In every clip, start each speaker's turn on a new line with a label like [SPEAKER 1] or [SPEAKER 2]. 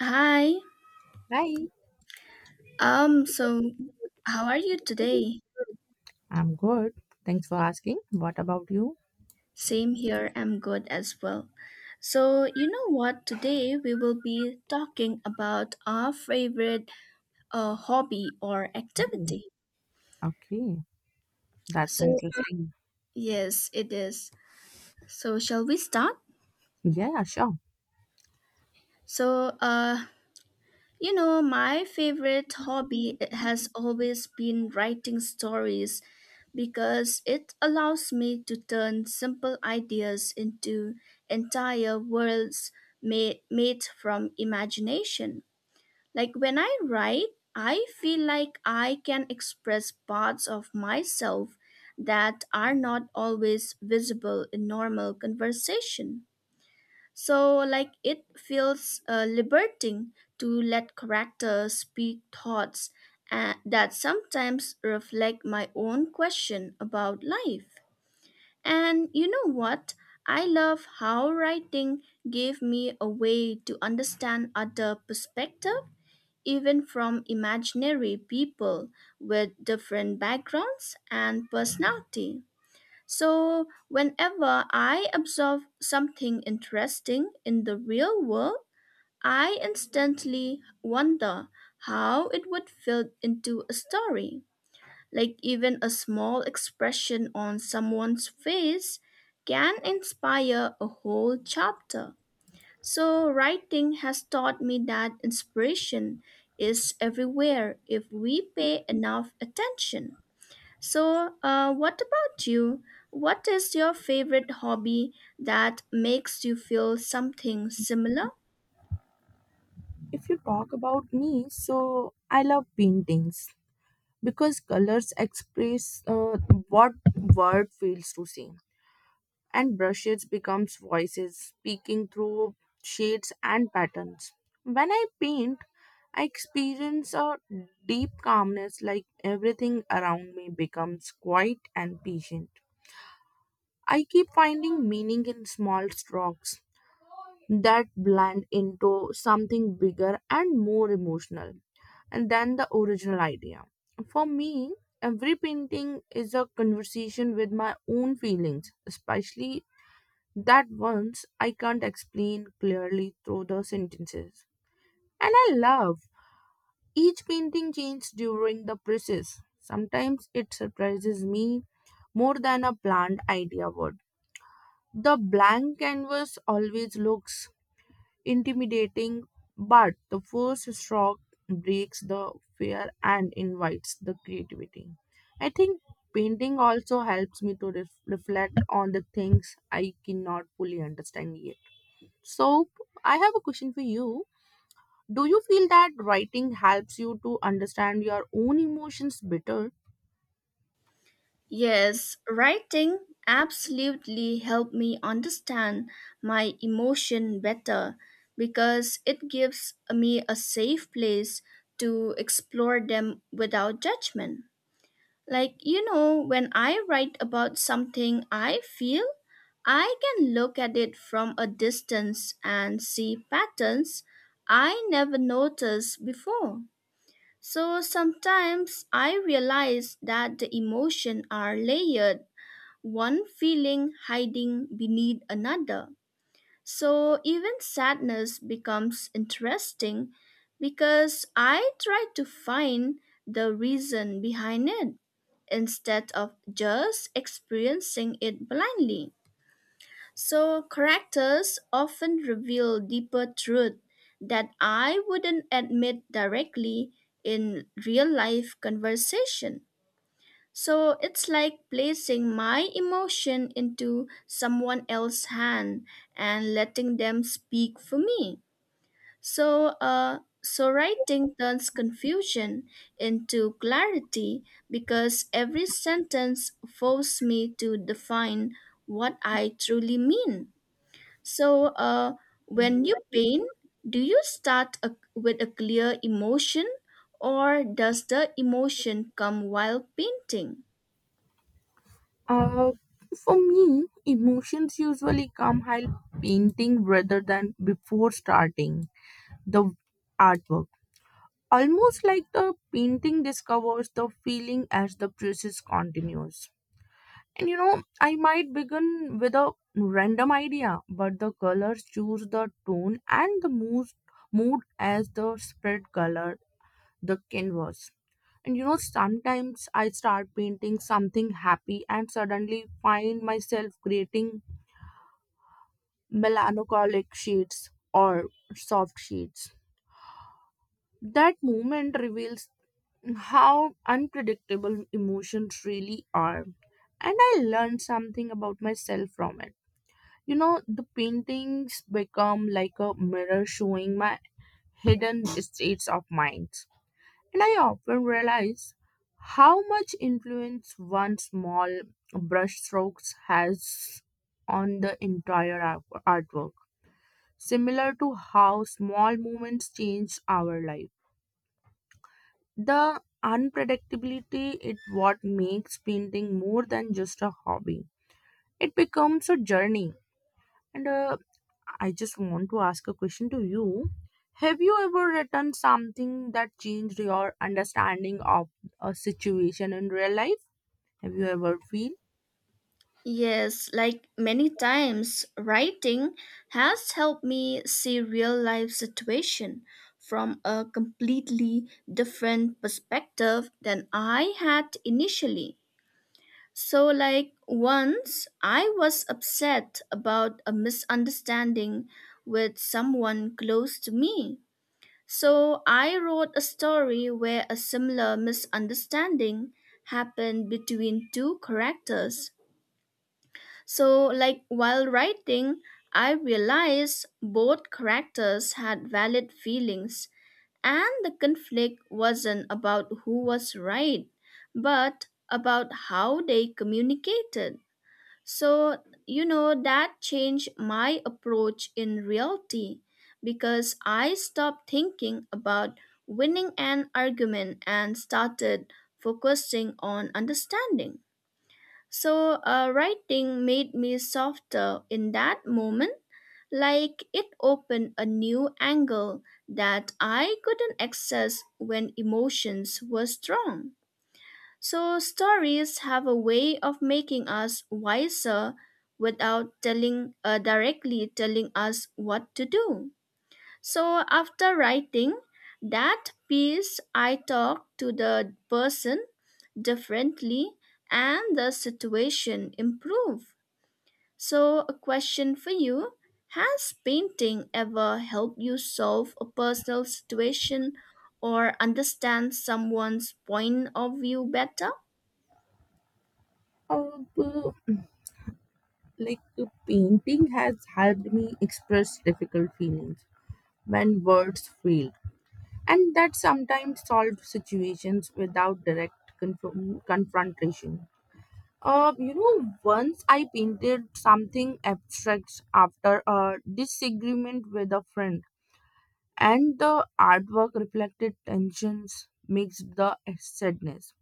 [SPEAKER 1] Hi.
[SPEAKER 2] Hi,
[SPEAKER 1] So how are you today?
[SPEAKER 2] I'm good. Thanks for asking. What about you?
[SPEAKER 1] Same here, I'm good as well. So, you know what? Today we will be talking about our favorite hobby or activity.
[SPEAKER 2] Okay, that's
[SPEAKER 1] So,
[SPEAKER 2] interesting.
[SPEAKER 1] yes, it is. So, shall we start?
[SPEAKER 2] Yeah, sure.
[SPEAKER 1] So, uh, you know, my favorite hobby has always been writing stories because it allows me to turn simple ideas into entire worlds made from imagination. Like when I write, I feel like I can express parts of myself that are not always visible in normal conversation. So, like, it feels liberating to let characters speak thoughts that sometimes reflect my own question about life. And you know what? I love how writing gave me a way to understand other perspective, even from imaginary people with different backgrounds and personality. So, whenever I observe something interesting in the real world, I instantly wonder how it would fit into a story. Like, even a small expression on someone's face can inspire a whole chapter. So, writing has taught me that inspiration is everywhere if we pay enough attention. What about you? What is your favorite hobby that makes you feel something similar?
[SPEAKER 2] If you talk about me, so I love paintings because colors express what word fails to say, and brushes becomes voices speaking through shades and patterns. When I paint, I experience a deep calmness, like everything around me becomes quiet and patient. I keep finding meaning in small strokes that blend into something bigger and more emotional and than the original idea. For me, every painting is a conversation with my own feelings, especially that ones I can't explain clearly through the sentences. And I love each painting changes during the process. Sometimes it surprises me more than a planned idea would. The blank canvas always looks intimidating, but the first stroke breaks the fear and invites the creativity. I think painting also helps me to reflect on the things I cannot fully understand yet. So, I have a question for you. Do you feel that writing helps you to understand your own emotions better?
[SPEAKER 1] Yes, writing absolutely helped me understand my emotion better because it gives me a safe place to explore them without judgment. Like, you know, when I write about something I feel, I can look at it from a distance and see patterns I never noticed before. So sometimes I realize that the emotions are layered, one feeling hiding beneath another. So even sadness becomes interesting because I try to find the reason behind it instead of just experiencing it blindly. So characters often reveal deeper truth that I wouldn't admit directly in real life conversation. So it's like placing my emotion into someone else's hand and letting them speak for me. So writing turns confusion into clarity because every sentence forces me to define what I truly mean. So, uh, when you paint, do you start with a clear emotion or does the emotion come while painting?
[SPEAKER 2] Uh, for me, emotions usually come while painting rather than before starting the artwork. Almost like the painting discovers the feeling as the process continues. And you know, I might begin with a random idea, but the colors choose the tone and the mood as the spread color the canvas. And you know, sometimes I start painting something happy and suddenly find myself creating melancholic shades or soft shades. That moment reveals how unpredictable emotions really are, and I learned something about myself from it. You know, the paintings become like a mirror showing my hidden states of mind, and I often realize how much influence one small brushstrokes has on the entire artwork, similar to how small moments change our life. The unpredictability is what makes painting more than just a hobby. It becomes a journey. And I just want to ask a question to you. Have you ever written something that changed your understanding of a situation in real life? Have you ever feel?
[SPEAKER 1] Yes, like many times, writing has helped me see real life situation from a completely different perspective than I had initially. So like once I was upset about a misunderstanding with someone close to me. So I wrote a story where a similar misunderstanding happened between two characters so, like while writing, I realized both characters had valid feelings, and the conflict wasn't about who was right, but about how they communicated. So, you know, that changed my approach in reality because I stopped thinking about winning an argument and started focusing on understanding. Writing made me softer in that moment, like it opened a new angle that I couldn't access when emotions were strong. So, stories have a way of making us wiser without telling directly telling us what to do. So after writing that piece, I talk to the person differently and the situation improve. So a question for you, has painting ever helped you solve a personal situation or understand someone's point of view better?
[SPEAKER 2] oh, uh, Painting has helped me express difficult feelings when words fail, and that sometimes solves situations without direct confrontation. You know, once I painted something abstract after a disagreement with a friend, and the artwork reflected tensions mixed the sadness.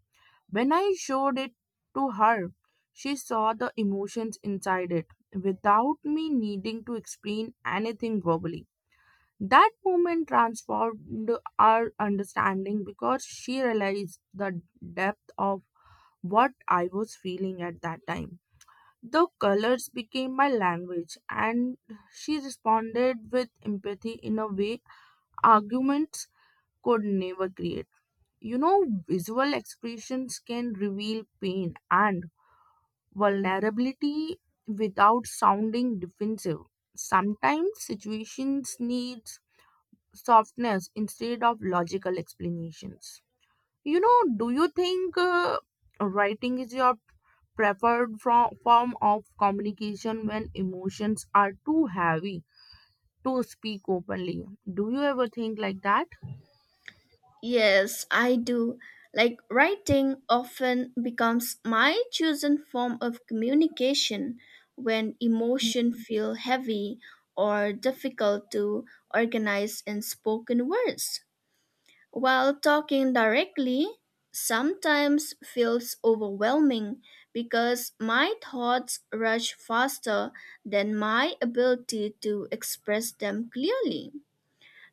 [SPEAKER 2] When I showed it to her, she saw the emotions inside it without me needing to explain anything verbally. That moment transformed our understanding because she realized the depth of what I was feeling at that time. The colors became my language, and she responded with empathy in a way arguments could never create. You know, visual expressions can reveal pain and vulnerability without sounding defensive. Sometimes situations need softness instead of logical explanations. You know, do you think writing is your preferred form of communication when emotions are too heavy to speak openly? Do you ever think like that?
[SPEAKER 1] Yes, I do. Like writing often becomes my chosen form of communication when emotion feel heavy or difficult to organize in spoken words. While talking directly sometimes feels overwhelming because my thoughts rush faster than my ability to express them clearly.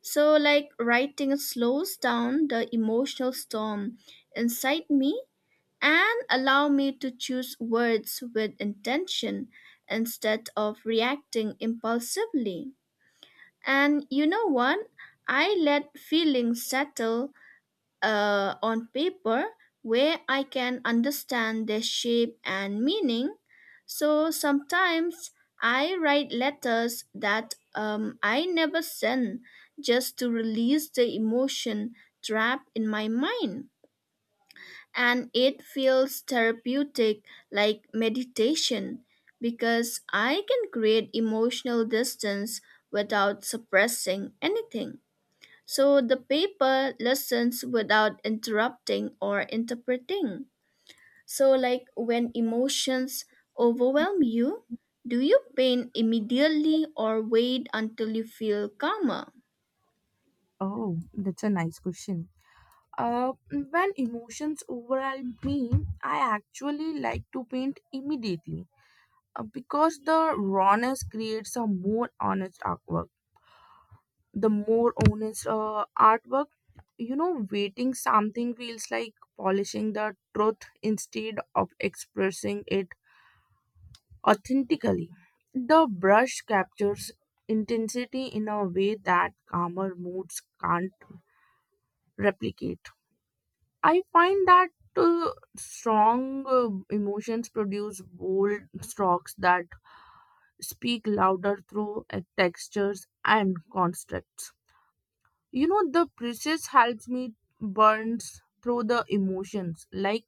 [SPEAKER 1] So, like writing slows down the emotional storm inside me and allow me to choose words with intention instead of reacting impulsively. And you know what? I let feelings settle on paper where I can understand their shape and meaning. So sometimes I write letters that I never send just to release the emotion trapped in my mind. And it feels therapeutic like meditation because I can create emotional distance without suppressing anything. So the paper listens without interrupting or interpreting. So, like when emotions overwhelm you, do you paint immediately or wait until you feel calmer?
[SPEAKER 2] Oh, that's a nice question. Uh, when emotions overwhelm me, I actually like to paint immediately because the rawness creates a more honest artwork, the more honest artwork. You know, waiting something feels like polishing the truth instead of expressing it authentically. The brush captures intensity in a way that calmer moods can't replicate. I find that uh, strong emotions produce bold strokes that speak louder through textures and constructs. You know, the process helps me burns through the emotions, like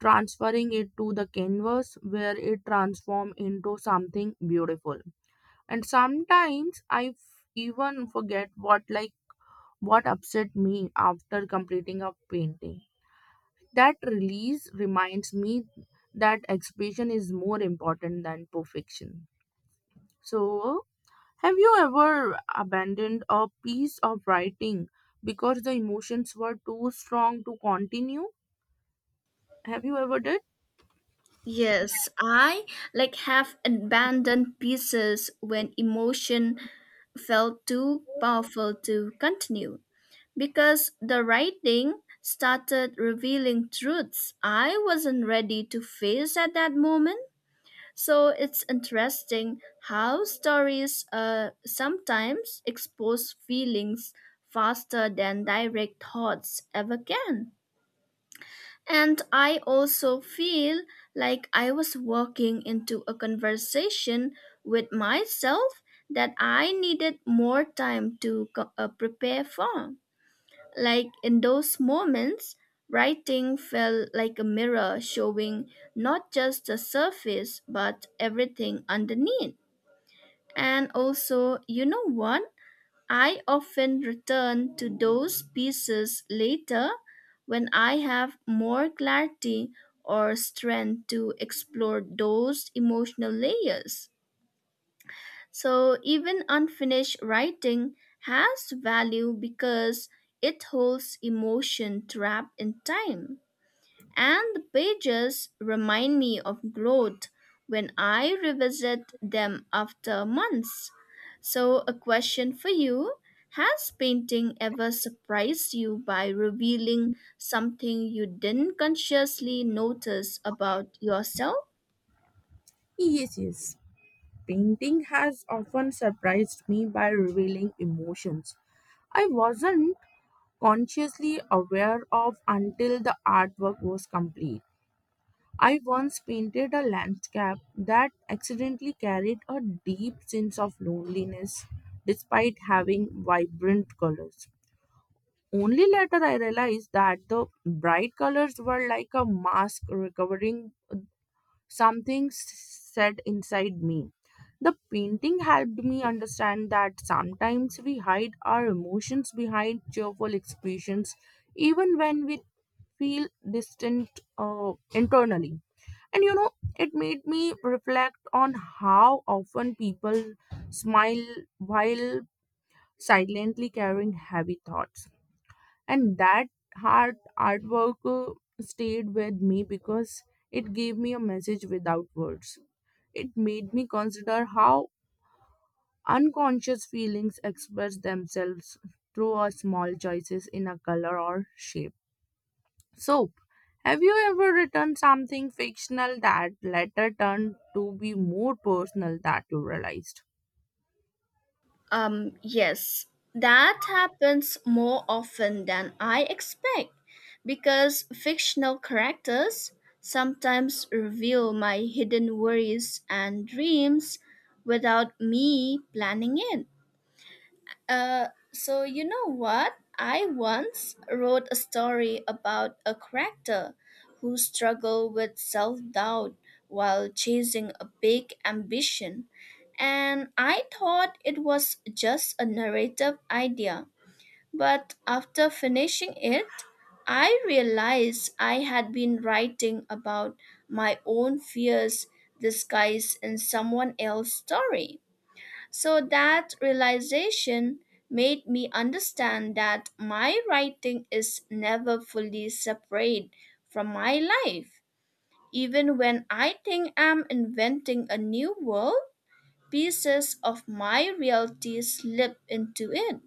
[SPEAKER 2] transferring it to the canvas where it transforms into something beautiful. And sometimes I even forget what what upset me after completing a painting. That release reminds me that expression is more important than perfection. So have you ever abandoned a piece of writing because the emotions were too strong to continue? Have you ever did?
[SPEAKER 1] Yes, I like have abandoned pieces when emotion felt too powerful to continue because the writing started revealing truths I wasn't ready to face at that moment. So it's interesting how stories sometimes expose feelings faster than direct thoughts ever can. And I also feel like I was walking into a conversation with myself that I needed more time to prepare for. Like in those moments, writing felt like a mirror showing not just the surface but everything underneath. And also, you know what? I often return to those pieces later when I have more clarity or strength to explore those emotional layers. So even unfinished writing has value because it holds emotion trapped in time. And the pages remind me of growth when I revisit them after months. So, a question for you. Has painting ever surprised you by revealing something you didn't consciously notice about yourself?
[SPEAKER 2] Yes, yes. Painting has often surprised me by revealing emotions I wasn't consciously aware of until the artwork was complete. I once painted a landscape that accidentally carried a deep sense of loneliness despite having vibrant colors. Only later I realized that the bright colors were like a mask recovering something set inside me. The painting helped me understand that sometimes we hide our emotions behind cheerful expressions, even when we feel distant internally. And you know, it made me reflect on how often people smile while silently carrying heavy thoughts, and that hard artwork stayed with me because it gave me a message without words. It made me consider how unconscious feelings express themselves through our small choices in a color or shape. So have you ever written something fictional that later turned to be more personal that you realized?
[SPEAKER 1] Yes, that happens more often than I expect because fictional characters sometimes reveal my hidden worries and dreams without me planning it. So you know what? I once wrote a story about a character who struggled with self-doubt while chasing a big ambition, and I thought it was just a narrative idea. But after finishing it, I realized I had been writing about my own fears disguised in someone else's story. So that realization made me understand that my writing is never fully separate from my life. Even when I think I'm inventing a new world, pieces of my reality slip into it.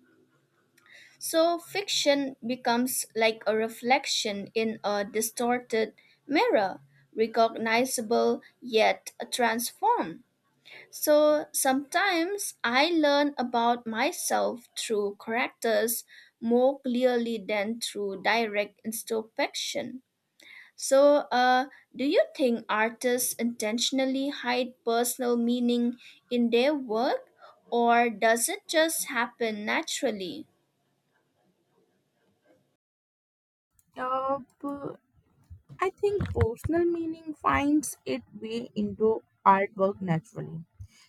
[SPEAKER 1] So fiction becomes like a reflection in a distorted mirror, recognizable yet transformed. So sometimes I learn about myself through characters more clearly than through direct introspection. So, uh, do you think artists intentionally hide personal meaning in their work, or does it just happen naturally?
[SPEAKER 2] Uh, b- I think personal meaning finds its way into artwork naturally,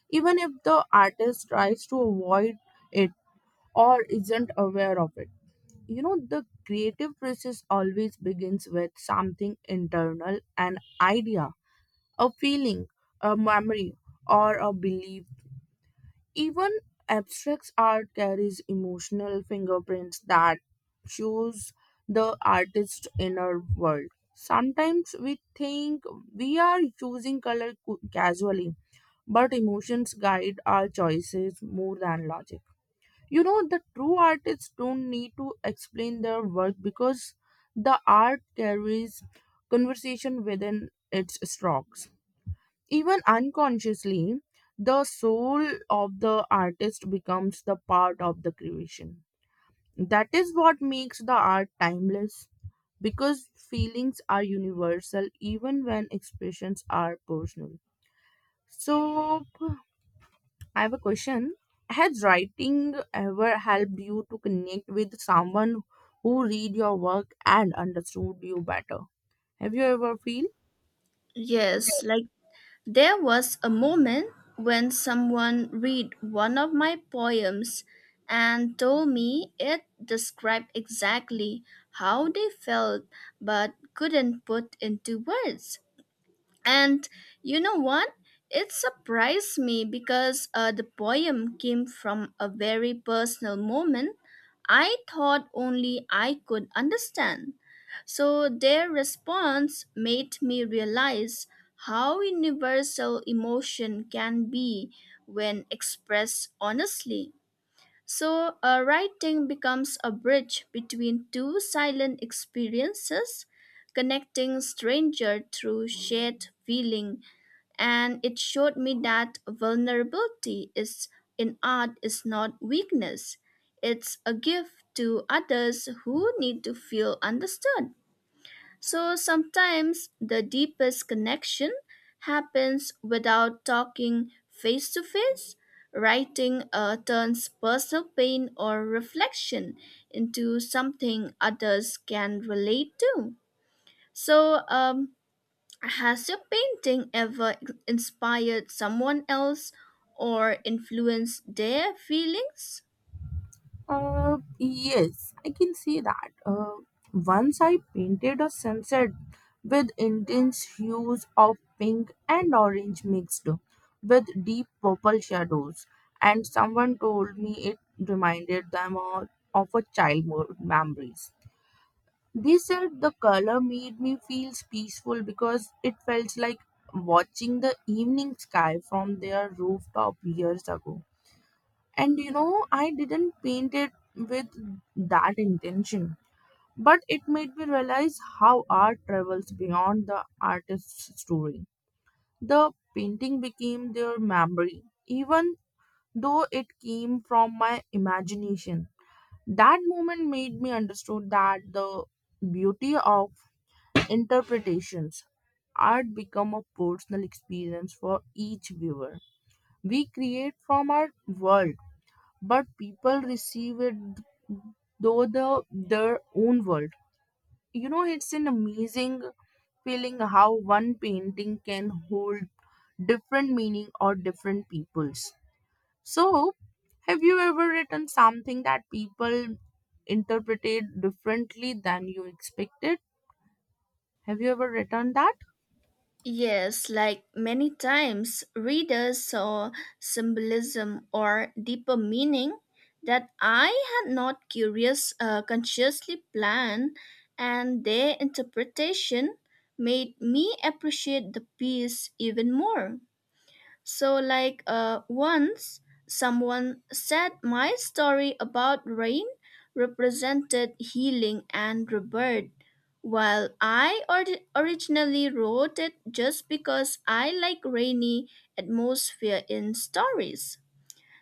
[SPEAKER 2] even if the artist tries to avoid it or isn't aware of it. You know, the creative process always begins with something internal, an idea, a feeling, a memory, or a belief. Even abstract art carries emotional fingerprints that shows the artist's inner world. Sometimes we think we are using color casually, but emotions guide our choices more than logic. You know, the true artists don't need to explain their work because the art carries conversation within its strokes. Even unconsciously, the soul of the artist becomes the part of the creation. That is what makes the art timeless because feelings are universal even when expressions are personal. So, I have a question. Has writing ever helped you to connect with someone who read your work and understood you better? Have you ever feel?
[SPEAKER 1] Yes, like there was a moment when someone read one of my poems and told me it described exactly how they felt but couldn't put into words. And you know what? It surprised me because the poem came from a very personal moment I thought only I could understand. So their response made me realize how universal emotion can be when expressed honestly. Writing becomes a bridge between two silent experiences, connecting stranger through shared feeling. And it showed me that vulnerability is in art is not weakness. It's a gift to others who need to feel understood. So sometimes the deepest connection happens without talking face to face. Writing turns personal pain or reflection into something others can relate to. So, um, has your painting ever inspired someone else or influenced their feelings?
[SPEAKER 2] Yes, I can see that. Once I painted a sunset with intense hues of pink and orange mixed with deep purple shadows, and someone told me it reminded them of a childhood memories. They said the color made me feel peaceful because it felt like watching the evening sky from their rooftop years ago. And you know, I didn't paint it with that intention, but it made me realize how art travels beyond the artist's story. The painting became their memory even though it came from my imagination. That moment made me understood that the beauty of interpretations, art become a personal experience for each viewer. We create from our world, but people receive it though the their own world. You know, it's an amazing feeling how one painting can hold different meaning or different peoples. So have you ever written something that people interpreted differently than you expected? Have you ever written that?
[SPEAKER 1] Yes, like many times, readers saw symbolism or deeper meaning that I had not curious consciously planned, and their interpretation made me appreciate the piece even more. Once someone said my story about rain represented healing and rebirth, while I originally wrote it just because I like rainy atmosphere in stories.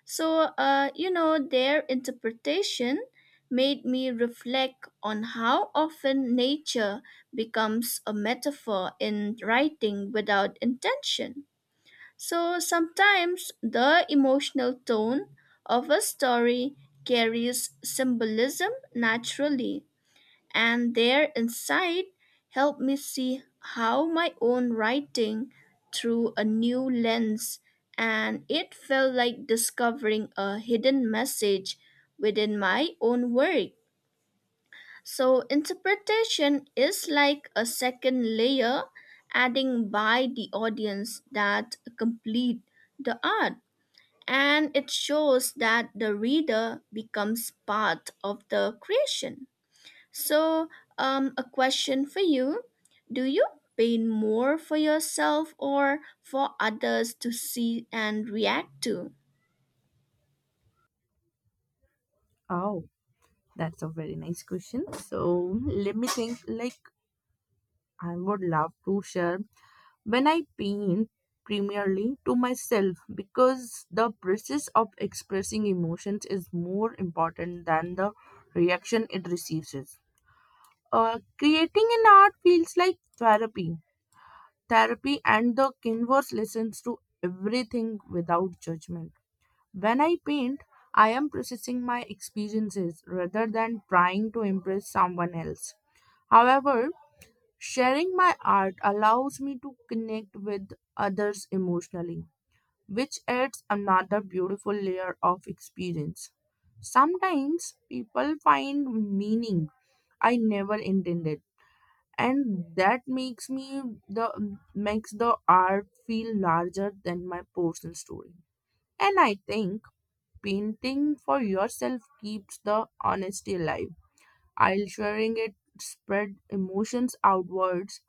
[SPEAKER 1] You know, their interpretation made me reflect on how often nature becomes a metaphor in writing without intention. So sometimes the emotional tone of a story carries symbolism naturally, and their insight helped me see how my own writing through a new lens, and it felt like discovering a hidden message within my own work. So interpretation is like a second layer adding by the audience that complete the art and it shows that the reader becomes part of the creation. So a question for you. Do you paint more for yourself or for others to see and react to?
[SPEAKER 2] Oh, that's a very nice question. So let me think, like, I would love to share. When I paint primarily to myself because the process of expressing emotions is more important than the reaction it receives. Creating an art feels like therapy. Therapy and the canvas listens to everything without judgment. When I paint, I am processing my experiences rather than trying to impress someone else. However, sharing my art allows me to connect with others emotionally, which adds another beautiful layer of experience. Sometimes people find meaning I never intended, and that makes me the makes the art feel larger than my personal story. And I think painting for yourself keeps the honesty alive. I'll sharing it spread emotions outwards,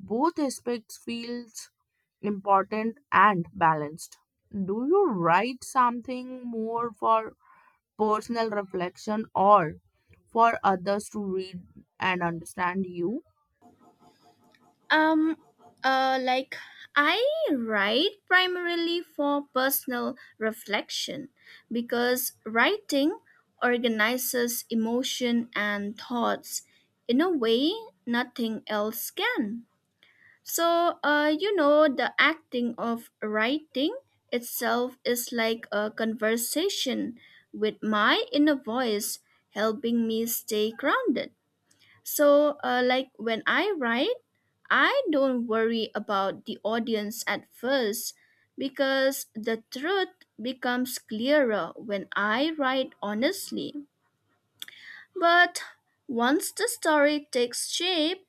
[SPEAKER 2] both aspects feels important and balanced. Do you write something more for personal reflection or for others to read and understand you?
[SPEAKER 1] Um, like I write primarily for personal reflection because writing organizes emotion and thoughts in a way nothing else can. You know, the acting of writing itself is like a conversation with my inner voice helping me stay grounded. Like when I write, I don't worry about the audience at first because the truth becomes clearer when I write honestly. But once the story takes shape,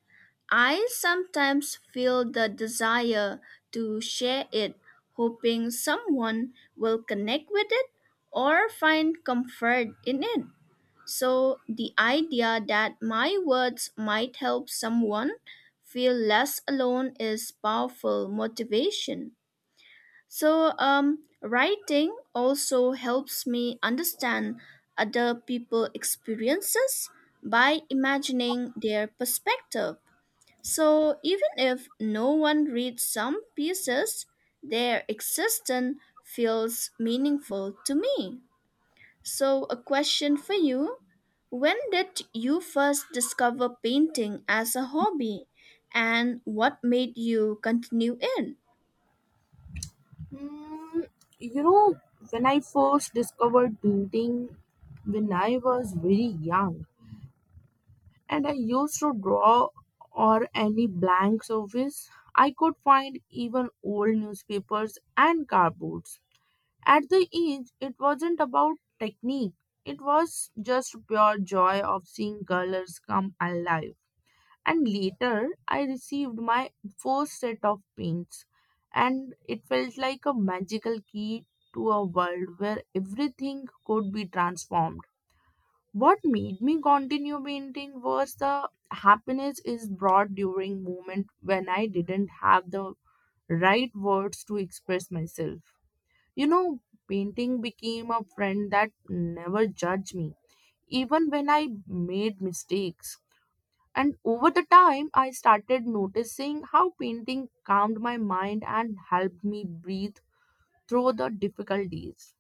[SPEAKER 1] I sometimes feel the desire to share it, hoping someone will connect with it or find comfort in it. So, the idea that my words might help someone feel less alone is powerful motivation. Writing also helps me understand other people's experiences by imagining their perspective. So, even if no one reads some pieces, their existence feels meaningful to me. So, a question for you. When did you first discover painting as a hobby and what made you continue it?
[SPEAKER 2] Mm, you know, when I first discovered painting, when I was very young, and I used to draw or any blank surface. I could find even old newspapers and cardboards. At the age, it wasn't about technique, it was just pure joy of seeing colors come alive. And later, I received my first set of paints, and it felt like a magical key to a world where everything could be transformed. What made me continue painting was the happiness is brought during moment when I didn't have the right words to express myself. You know, painting became a friend that never judged me, even when I made mistakes. And over the time, I started noticing how painting calmed my mind and helped me breathe through the difficulties.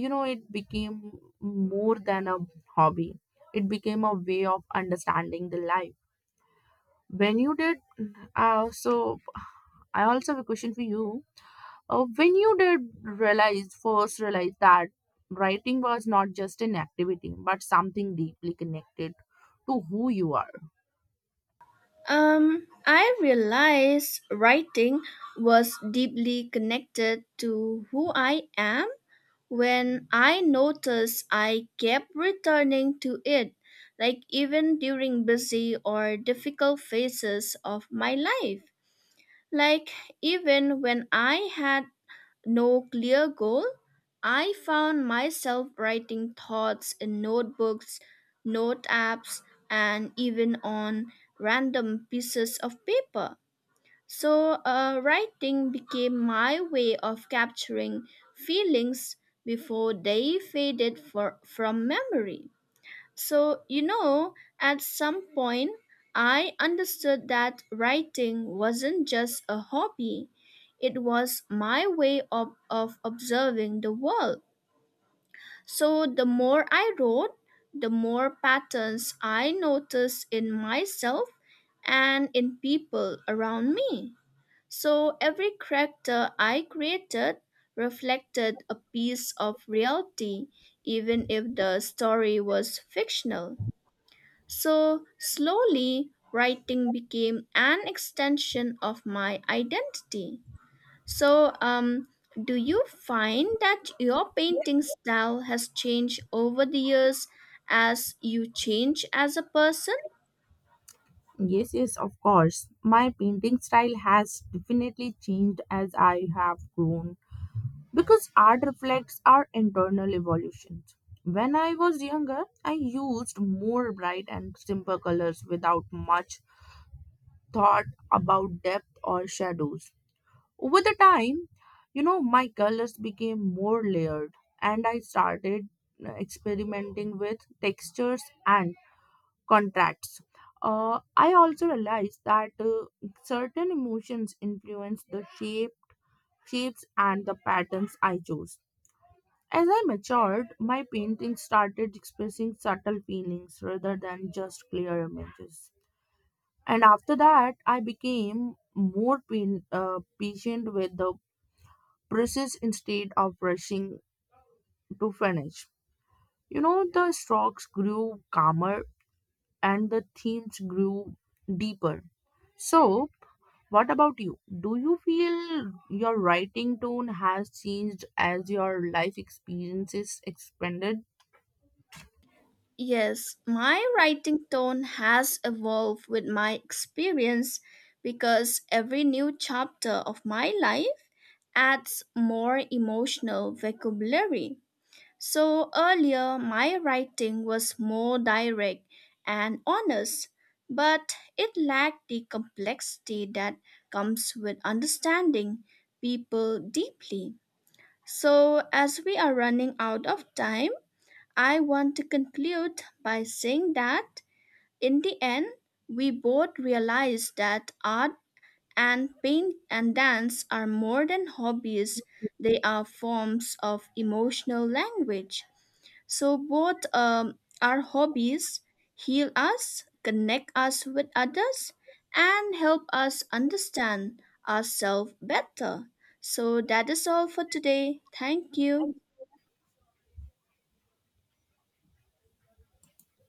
[SPEAKER 2] You know, it became more than a hobby, it became a way of understanding the life when you did. So I also have a question for you. When you did realize, first realize that writing was not just an activity but something deeply connected to who you are?
[SPEAKER 1] I realized writing was deeply connected to who I am when I noticed I kept returning to it, like even during busy or difficult phases of my life. Like even when I had no clear goal, I found myself writing thoughts in notebooks, note apps, and even on random pieces of paper. Writing became my way of capturing feelings before they faded from memory. So, you know, at some point, I understood that writing wasn't just a hobby, it was my way of observing the world. So, the more I wrote, the more patterns I noticed in myself and in people around me. So, every character I created reflected a piece of reality, even if the story was fictional. So slowly, writing became an extension of my identity. So, um, do you find that your painting style has changed over the years as you change as a person?
[SPEAKER 2] Yes, yes, of course, my painting style has definitely changed as I have grown because art reflects our internal evolutions. When I was younger, I used more bright and simple colors without much thought about depth or shadows. Over the time, you know, my colors became more layered and I started experimenting with textures and contrasts. I also realized that certain emotions influence the shapes, and the patterns I chose. As I matured, my painting started expressing subtle feelings rather than just clear images. And after that, I became more patient with the process instead of rushing to finish. You know, the strokes grew calmer and the themes grew deeper. So, what about you? Do you feel your writing tone has changed as your life experiences expanded?
[SPEAKER 1] Yes, my writing tone has evolved with my experience because every new chapter of my life adds more emotional vocabulary. So earlier, my writing was more direct and honest, but it lacked the complexity that comes with understanding people deeply. So, as we are running out of time, I want to conclude by saying that in the end, we both realized that art and paint and dance are more than hobbies, they are forms of emotional language. So both our hobbies heal us, connect us with others, and help us understand ourselves better. So that is all for today. Thank you.